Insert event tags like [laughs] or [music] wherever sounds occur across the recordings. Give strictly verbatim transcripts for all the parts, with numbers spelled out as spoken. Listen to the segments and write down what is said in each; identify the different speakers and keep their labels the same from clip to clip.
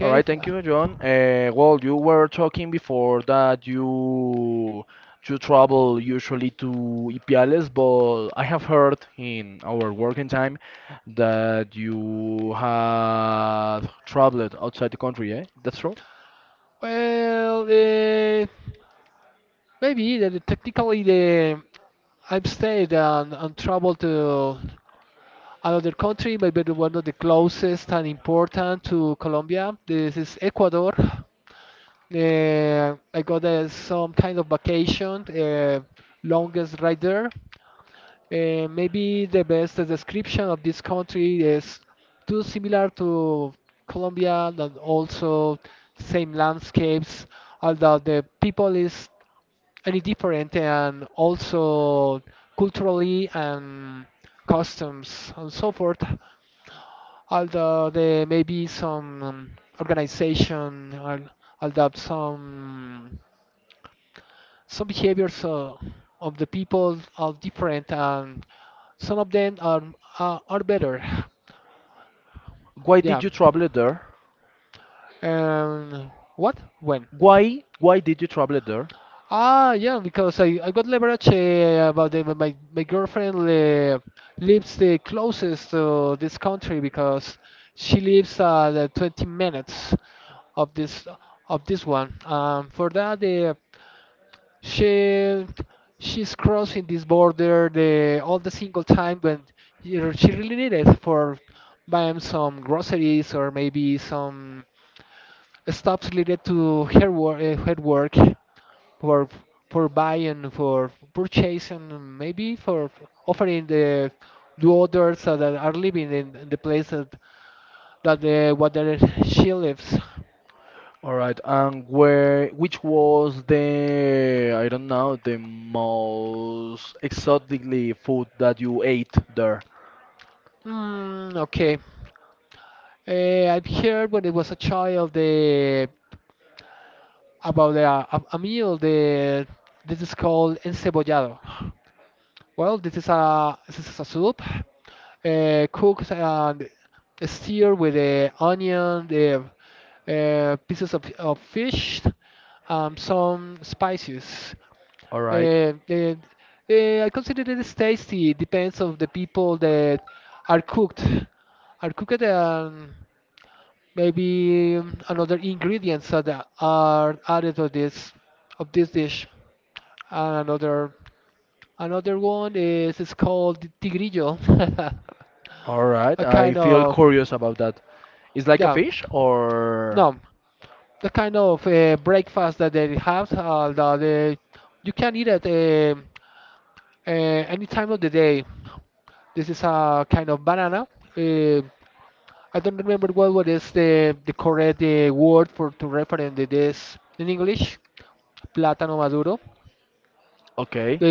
Speaker 1: All right, thank you, John. Uh, well, you were talking before that you you travel usually to Ipiales, but I have heard in our working time that you had traveled outside the country, eh? That's true. Why did you travel it there? Why why did you travel it there? All right, and where which was the I don't know the most exotically food that you ate there? All right. All right. I feel curious about that. It's like a fish or okay.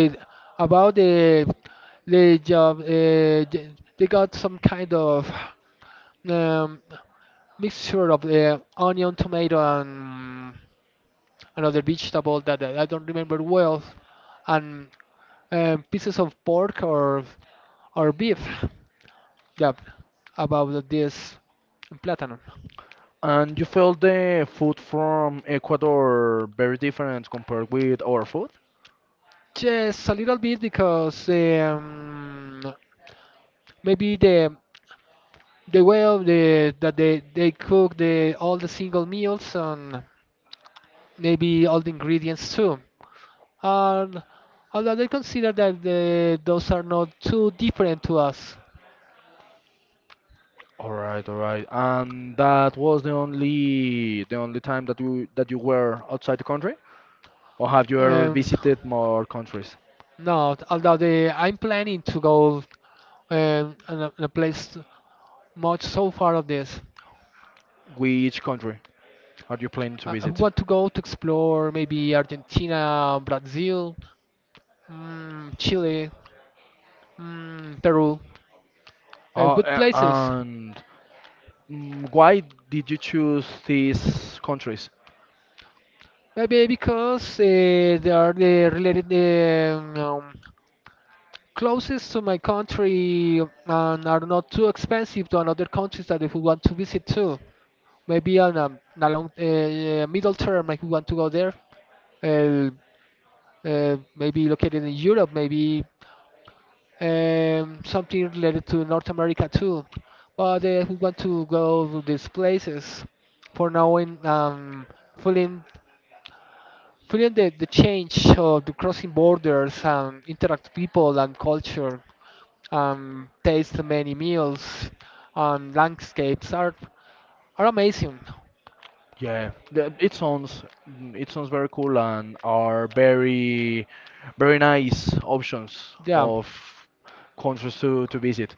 Speaker 1: And you felt the food from Ecuador very different compared with our food? All right, all right. And that was the only the only time that you that you were outside the country? Or have you ever visited more countries? Which country are you planning to visit? Oh, a- and mm, why did you choose these countries? Yeah, th- it sounds mm, it sounds very cool and are very very nice options of countries to, to visit.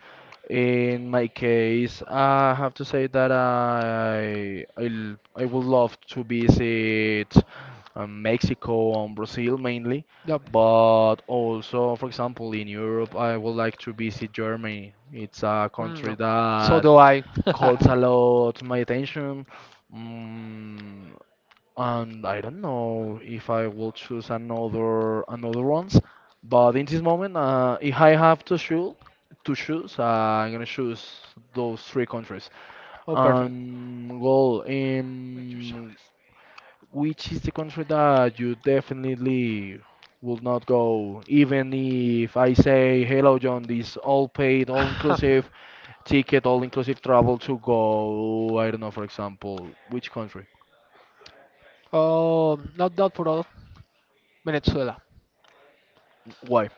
Speaker 1: In my case, I have to say that I i l- I would love to visit um, Mexico and Brazil mainly, but also, for example, in Europe, I would like to visit Germany. It's a country that calls a lot my attention. Mm, and I don't know if I will choose another another ones, but in this moment, uh, if I have to choose to choose, uh, I'm gonna choose those three countries. Um, well, in which is the country that you definitely will not go, even if I say, "Hello, John, this all paid, all inclusive ticket, all inclusive travel to go." I don't know, for example, which country? Why?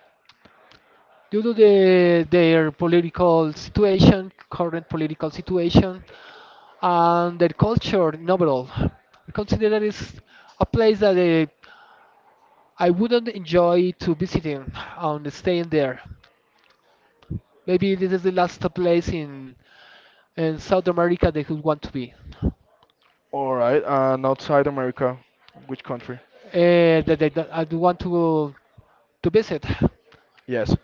Speaker 1: All right, and outside America, which country? Yes.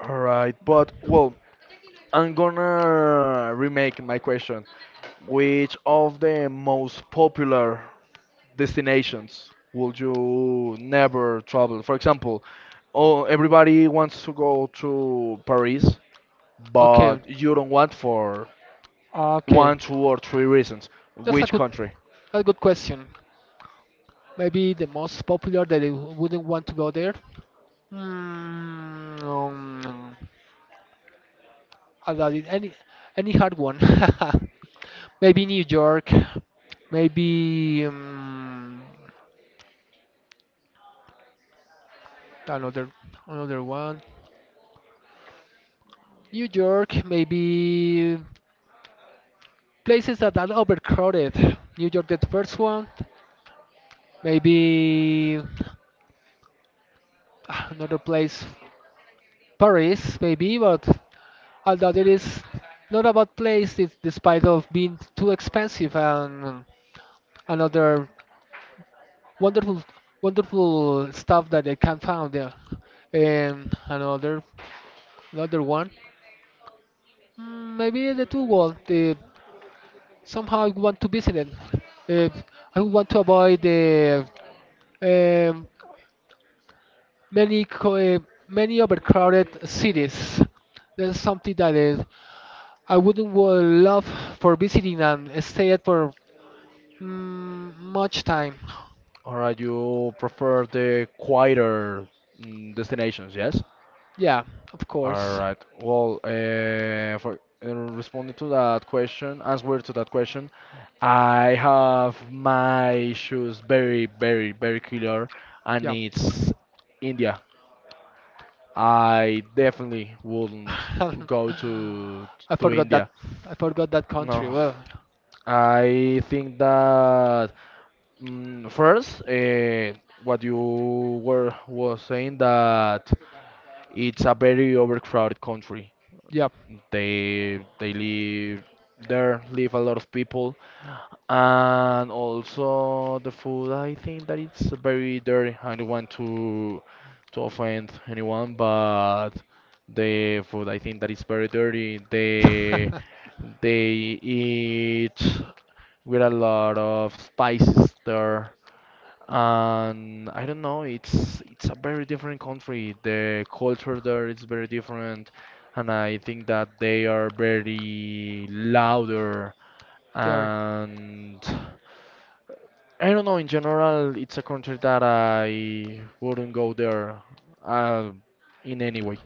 Speaker 1: All right, but well, I'm gonna remake my question. Which of the most popular destinations would you never travel? For example, oh, everybody wants to go to Paris, but you don't want for one, two, or three reasons. Which country? All right, you prefer the quieter mm, destinations, yes? All right. Well, uh, for uh, responding to that question, answer to that question, I have my issues very, very, very clear, and it's India. I definitely wouldn't go to to India. No, I think that mm, first, uh, what you were was saying that it's a very overcrowded country. They they live there, live a lot of people, and also the food. I think that it's very dirty. I don't want to to offend anyone, but the food I think that it's very dirty. They they eat with a lot of spices there. And I don't know, it's it's a very different country. The culture there is very different, and I think that they are very louder. And I don't know, in general, it's a country that I wouldn't go there uh, in any way.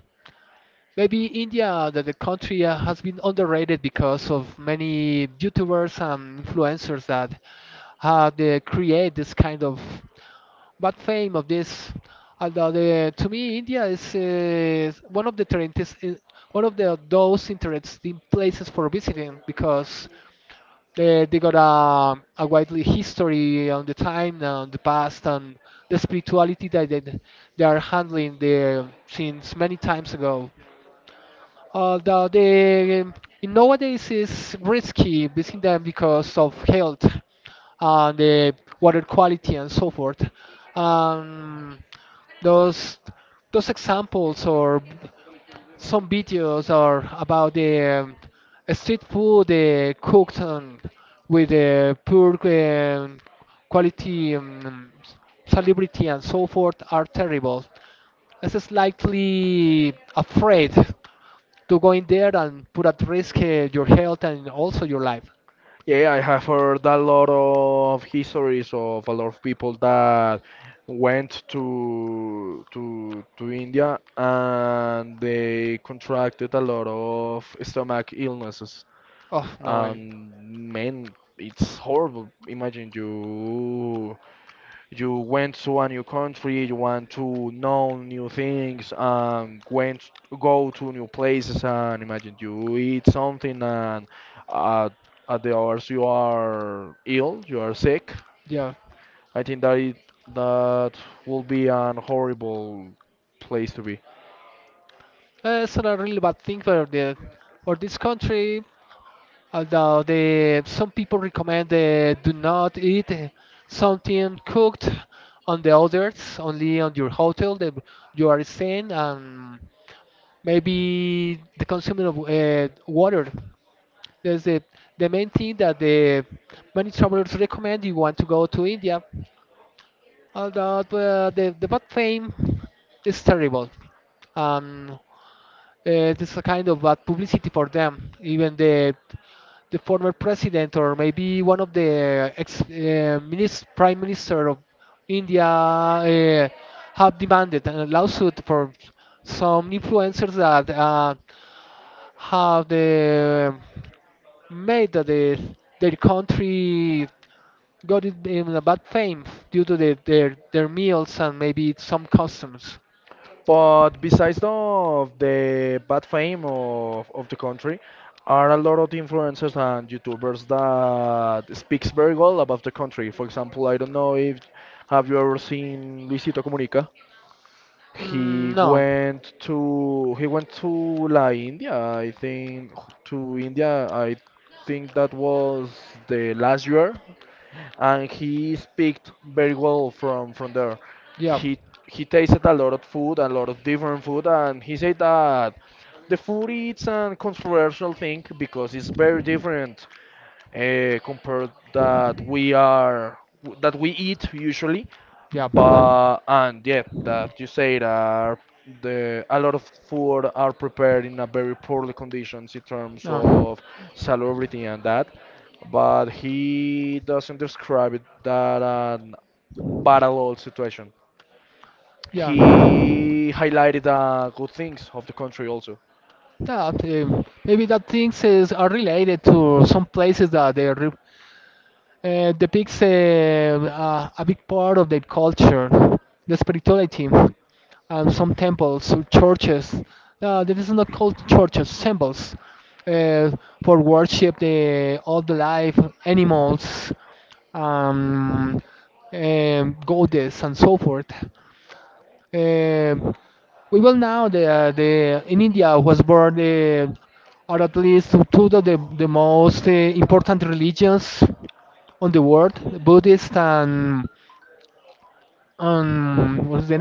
Speaker 1: Yeah, I have heard a lot of histories of a lot of people that went to to to India and they contracted a lot of stomach illnesses. And man, it's horrible. Imagine you you went to a new country, you want to know new things, and went go to new places, and imagine you eat something, and at, at the hours you are ill, you are sick. I think that it, that will be an horrible place to be. But besides of the bad fame of, of the country, are a lot of influencers and YouTubers that speaks very well about the country. For example, I don't know if have you ever seen Luisito Comunica? He went to he went to La India, I think to India, I think that was the last year, and he speaks very well from from there. He he tasted a lot of food, a lot of different food, and he said that the food is a controversial thing because it's very different uh, compared that we are that we eat usually but and yeah that you say that the a lot of food are prepared in a very poorly conditions in terms of salubrity and that but he doesn't describe it that an battle situation he highlighted uh, good things of the country also.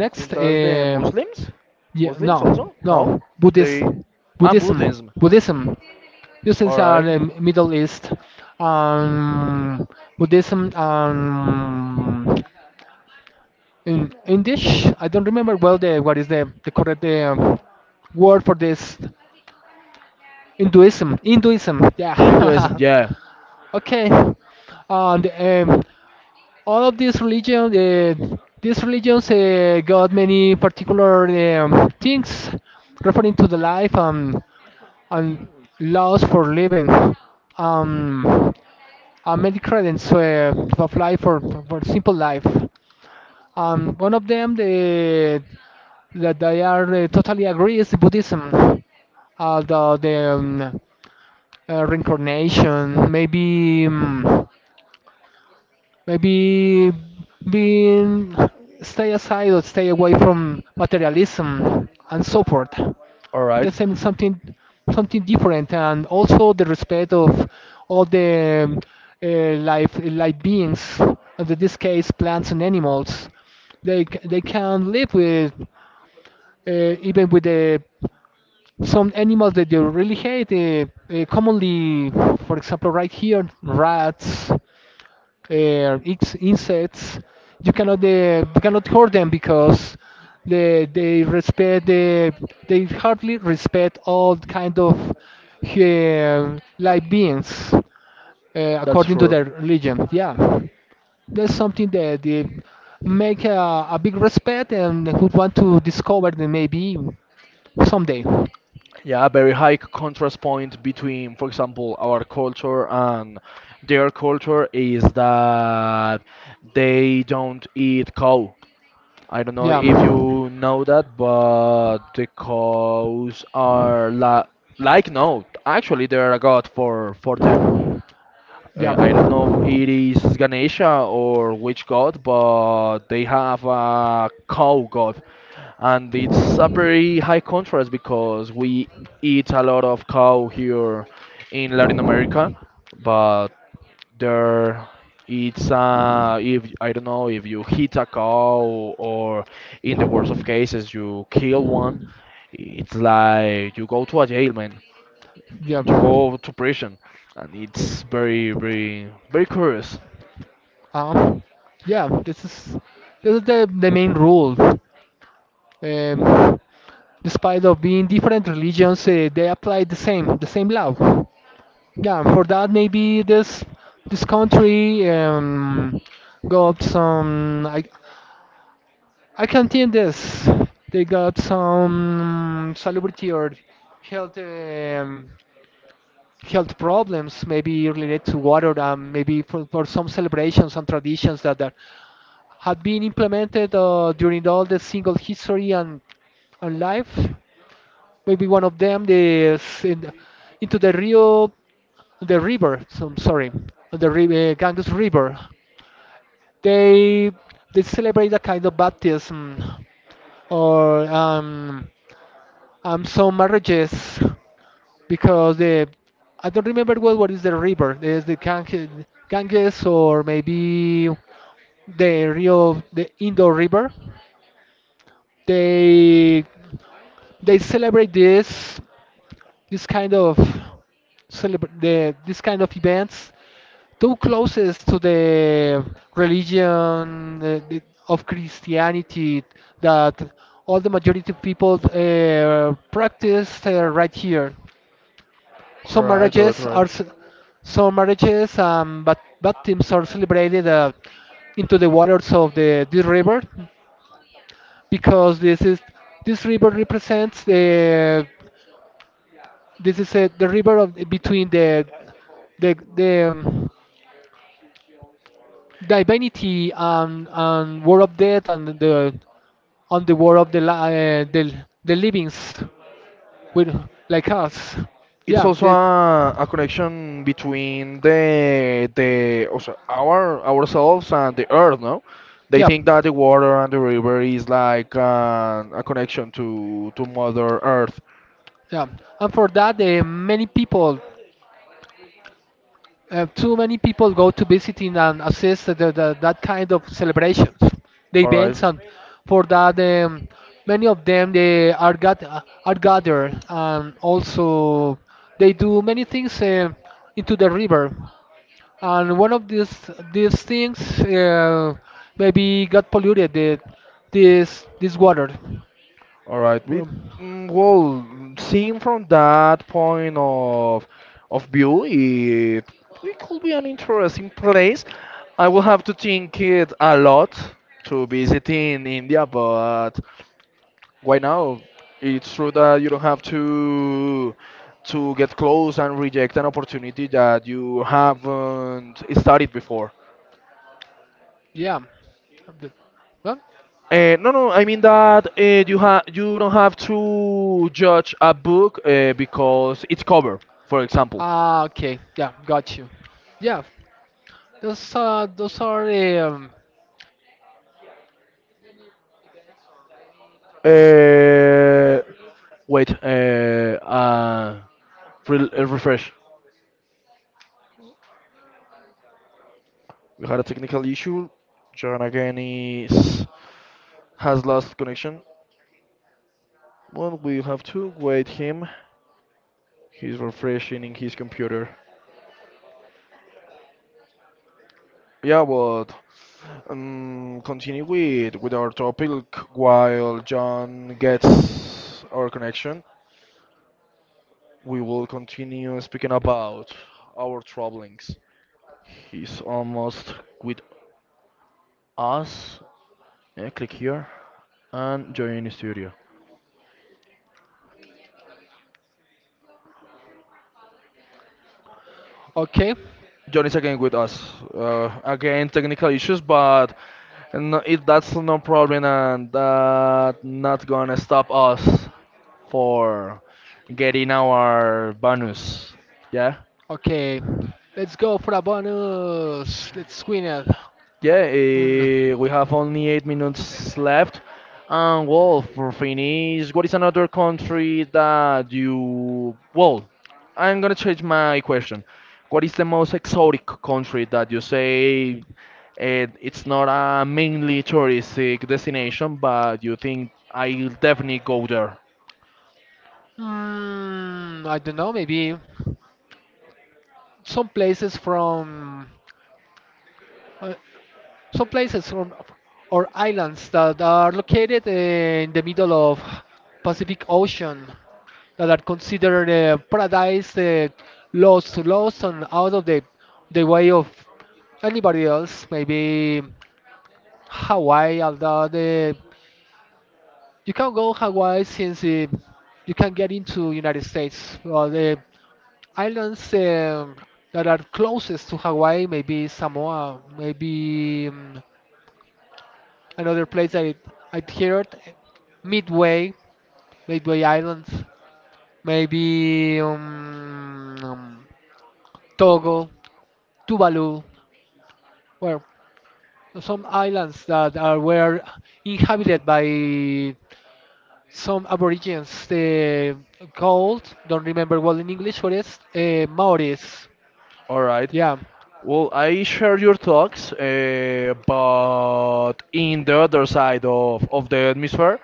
Speaker 1: I think that's the Muslims, muslims also no, they and Buddhism. All right. Hinduism, yeah. All right. That's true. Yeah, very high c- contrast point between, for example, our culture and their culture is that they don't eat cow. I don't know if you know that, but the cows are la like no, actually they're a god for for them. Uh, I don't know if it is Ganesha or which god, but they have a cow god. And it's a very high contrast because we eat a lot of cow here in Latin America, but there it's uh if I don't know if you hit a cow or in the worst of cases you kill one, it's like you go to a jail, man you go to prison, and it's very, very, very curious. Right, right, right. It's also a, a connection between the the also our ourselves and the earth, no? They think that the water and the river is like uh, a connection to to Mother Earth. All right. All right. We, mm, well, seen from that point of of view, it it could be an interesting place. I will have to think it a lot to visit in India, but why now? It's true that you don't have to to get close and reject an opportunity that you haven't studied before. Uh, no, no. I mean that uh, you ha you don't have to judge a book uh, because its cover, for example. Uh, wait. Uh, uh, re uh, refresh. We had a technical issue. John again is has lost connection. Well, we have to wait him. He's refreshing his computer. Yeah, but um, continue with with our topic while John gets our connection. We will continue speaking about our troublings. He's almost with us. Yeah, click here and join the studio.
Speaker 2: Okay,
Speaker 1: John is again with us. Uh, again, technical issues, but no, it, that's no problem, and that not gonna stop us for getting our bonus. Yeah.
Speaker 2: okay. Let's go for a bonus. Let's win it.
Speaker 1: Yeah,
Speaker 2: Mm.
Speaker 1: uh, we have only eight minutes left. And well, for finish, what is another country that you. Well, I'm gonna change my question. What is the most exotic country that you say eh, it's not a mainly touristic destination, but you think I'll definitely go there?
Speaker 2: Mm, I don't know. Maybe some places from uh, some places from or islands that are located in the middle of Pacific Ocean that are considered uh, paradise, uh, lost, lost and out of the the way of anybody else. Maybe Hawaii, although the You can go Hawaii since uh, you can get into United States. Well, the islands um, that are closest to Hawaii, maybe Samoa, maybe um, another place that I I heard, Midway, Midway Islands, maybe um, um, Togo, Tuvalu, well, some islands that are were inhabited by some aborigines uh, called, don't remember well in English what is, uh, Maoris.
Speaker 1: All right.
Speaker 2: Yeah.
Speaker 1: Well, I share your thoughts, uh, but in the other side of, of the atmosphere,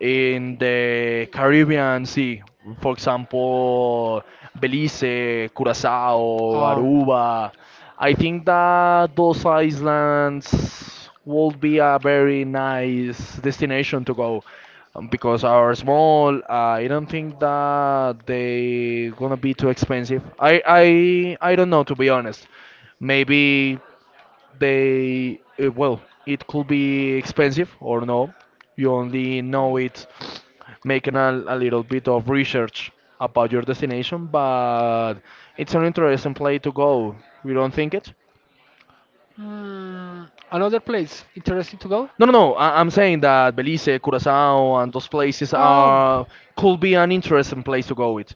Speaker 1: in the Caribbean Sea, for example, Belize, Curacao,
Speaker 2: Um,
Speaker 1: Aruba, I think that those islands would be a very nice destination to go. Um, because are small, uh, I don't think that they gonna be too expensive. I I I don't know to be honest. Maybe they uh, well, it could be expensive or no. You only know it making a, a little bit of research about your destination, but it's an interesting place to go. You don't think it?
Speaker 2: hmm, Another place interesting to go.
Speaker 1: No, no, no. I, I'm saying that Belize, Curacao, and those places
Speaker 2: Um,
Speaker 1: are could be an interesting place to go with.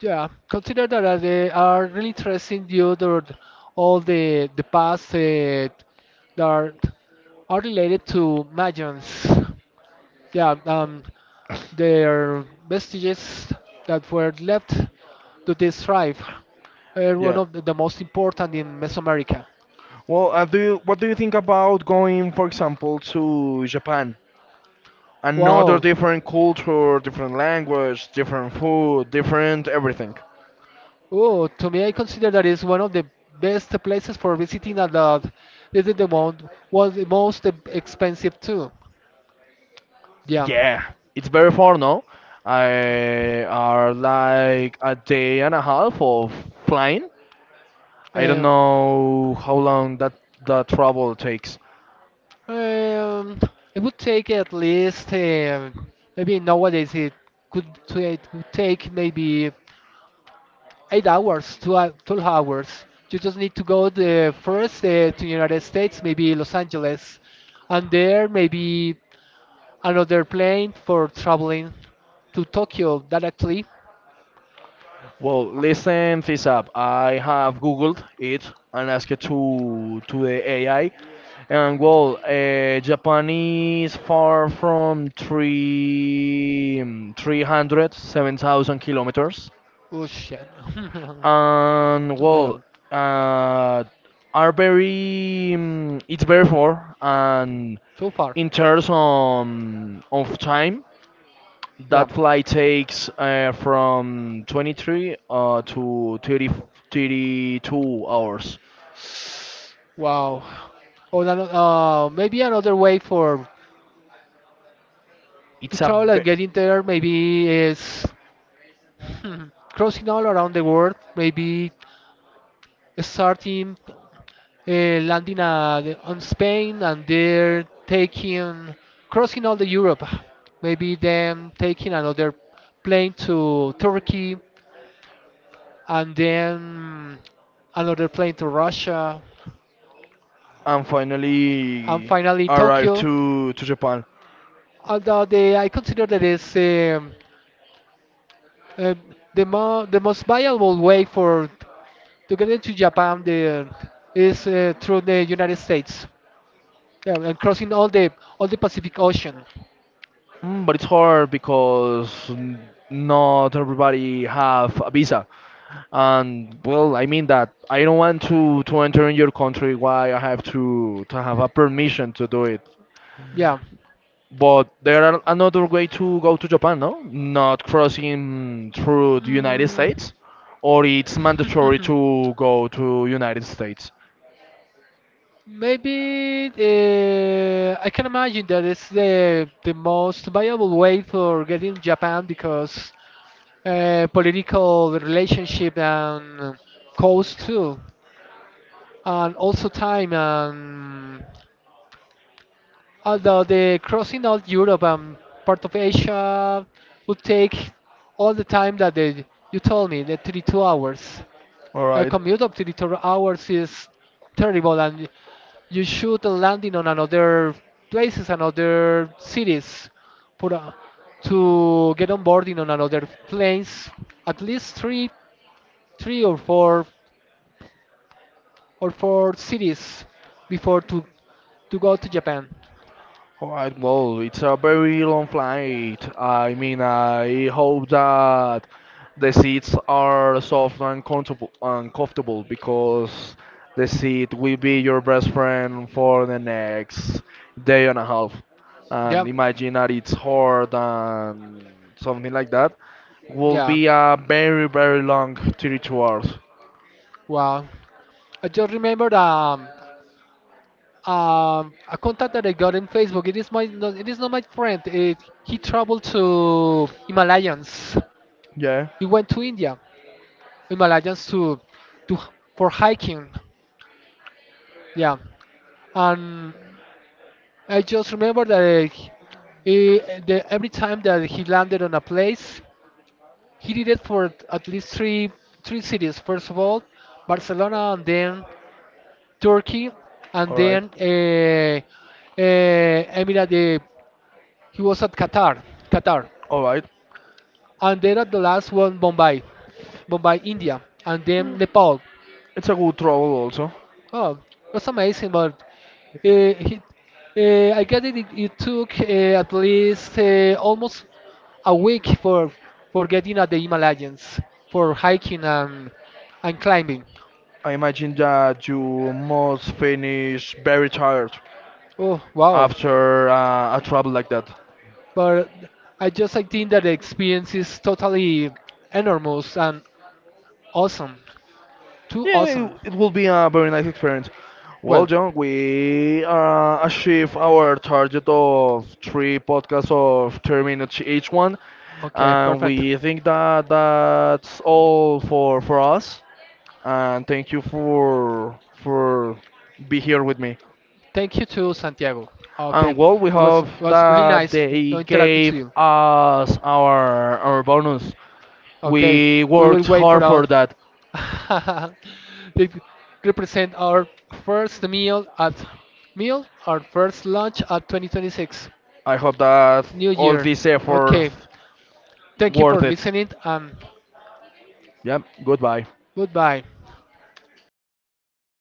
Speaker 2: yeah, consider that uh, they are really interesting due to th- all the the past uh, that are related to Magians. Yeah. Um, Their vestiges that were left to this tribe are one
Speaker 1: Yeah.
Speaker 2: of the the most important in Mesoamerica.
Speaker 1: Well, uh, do you, what do you think about going, for example, to Japan? Another
Speaker 2: Wow.
Speaker 1: different culture, different language, different food, different everything.
Speaker 2: Oh, to me, I consider that is one of the best places for visiting, and that this is the one was the most e- expensive too. Yeah.
Speaker 1: Yeah, it's very far, no? I are like a day and a half of flying. I don't
Speaker 2: Um,
Speaker 1: know how long that that travel takes.
Speaker 2: um, it would take at least uh, maybe nowadays it could t- it would take maybe eight hours, two, hou- twelve hours. You just need to go the first uh, to United States, maybe Los Angeles, and there maybe another plane for traveling to Tokyo directly.
Speaker 1: Well, listen this up. I have Googled it and asked it to to the A I, and well, uh, Japan is far from three three hundred seven thousand kilometers,
Speaker 2: Oh shit! [laughs]
Speaker 1: and
Speaker 2: Too
Speaker 1: well,
Speaker 2: many-
Speaker 1: uh, are very um, it's very far, and
Speaker 2: too far.
Speaker 1: in terms on of time
Speaker 2: Yeah.
Speaker 1: that flight takes uh, from twenty-three uh, to thirty thirty two hours.
Speaker 2: Wow. Or ano- uh, maybe another way for to
Speaker 1: It's a
Speaker 2: travel
Speaker 1: ve-
Speaker 2: and getting there maybe is [laughs] hmm, crossing all around the world. Maybe starting uh, landing at, on Spain and they're taking crossing all the Europe. Maybe then taking another plane to Turkey and then another plane to Russia
Speaker 1: and
Speaker 2: and
Speaker 1: finally
Speaker 2: finally
Speaker 1: arrive
Speaker 2: Tokyo.
Speaker 1: to to Japan.
Speaker 2: Although they, I consider that it's um, uh, the, mo- the most viable way for to get into Japan the, is uh, through the United States, yeah, and crossing all the all the Pacific Ocean.
Speaker 1: Mm, but it's hard because n- not everybody have a visa. And well, I mean that I don't want to to enter in your country. Why I have to to have a permission to do it?
Speaker 2: Yeah.
Speaker 1: But there are another way to go to Japan, no? Not crossing through the United
Speaker 2: Mm.
Speaker 1: States, or it's mandatory
Speaker 2: [laughs]
Speaker 1: to go to United States.
Speaker 2: Maybe uh, I can imagine that it's the the most viable way for getting Japan because uh, political relationship and cost too, and also time and although the crossing out Europe and part of Asia would take all the time that they, you told me, the thirty-two hours.
Speaker 1: All
Speaker 2: A
Speaker 1: right.
Speaker 2: commute of thirty-two hours is terrible, and you should landing on another places, another cities, for uh, to get on boarding on another planes. At least three, three or four or four cities before to to go to Japan.
Speaker 1: Alright, well, it's a very long flight. I mean, I hope that the seats are soft and comfortable, and comfortable because the seat will be your best friend for the next day and a half. And
Speaker 2: Yeah,
Speaker 1: imagine that it's hard and something like that will
Speaker 2: yeah.
Speaker 1: be a very, very long thirty-two hours.
Speaker 2: Wow. I just remembered um, um, a contact that I got in Facebook. It is my, no, it is not my friend. It, he traveled to Himalayas
Speaker 1: Yeah,
Speaker 2: We went to India, Himalayas to, to for hiking. Yeah, and I just remember that uh, he- eh, the, every time that he landed on a place, he did it for at least three three cities. First of all, Barcelona, and then Turkey, and then
Speaker 1: alright,
Speaker 2: uh, uh, Emirate. eh, He was at Qatar, Qatar,
Speaker 1: alright.
Speaker 2: and then at the last one, Bombay, Bombay, India, and then Nepal.
Speaker 1: It's a good travel also.
Speaker 2: Oh, that's amazing, but uh, he, uh, I guess it, it took uh, at least uh, almost a week for for getting at the Himalayas, for hiking and and climbing.
Speaker 1: I imagine that you must finish very tired
Speaker 2: Oh, wow!
Speaker 1: after uh, a travel like that.
Speaker 2: But I just I think that the experience is totally enormous and awesome, too
Speaker 1: Yeah,
Speaker 2: awesome.
Speaker 1: it, it will be a very nice experience. Well,
Speaker 2: Well,
Speaker 1: John, we uh, achieve our target of three podcasts of three minutes each one,
Speaker 2: okay,
Speaker 1: and
Speaker 2: perfect.
Speaker 1: we think that that's all for for us. And thank you for for be here with me.
Speaker 2: Thank you to Santiago. Okay,
Speaker 1: And well, we
Speaker 2: it was
Speaker 1: hope
Speaker 2: was really
Speaker 1: that
Speaker 2: nice to to
Speaker 1: they
Speaker 2: interact with
Speaker 1: gave
Speaker 2: you.
Speaker 1: us our our bonus.
Speaker 2: Okay,
Speaker 1: We
Speaker 2: we will
Speaker 1: worked
Speaker 2: wait for
Speaker 1: hard
Speaker 2: us.
Speaker 1: for that.
Speaker 2: [laughs] they represent our first meal at meal, our first lunch at twenty twenty-six,
Speaker 1: I hope that
Speaker 2: New
Speaker 1: all
Speaker 2: Year.
Speaker 1: this effort
Speaker 2: Okay, thank you for
Speaker 1: worth it.
Speaker 2: listening and
Speaker 1: Yeah, goodbye.
Speaker 2: goodbye.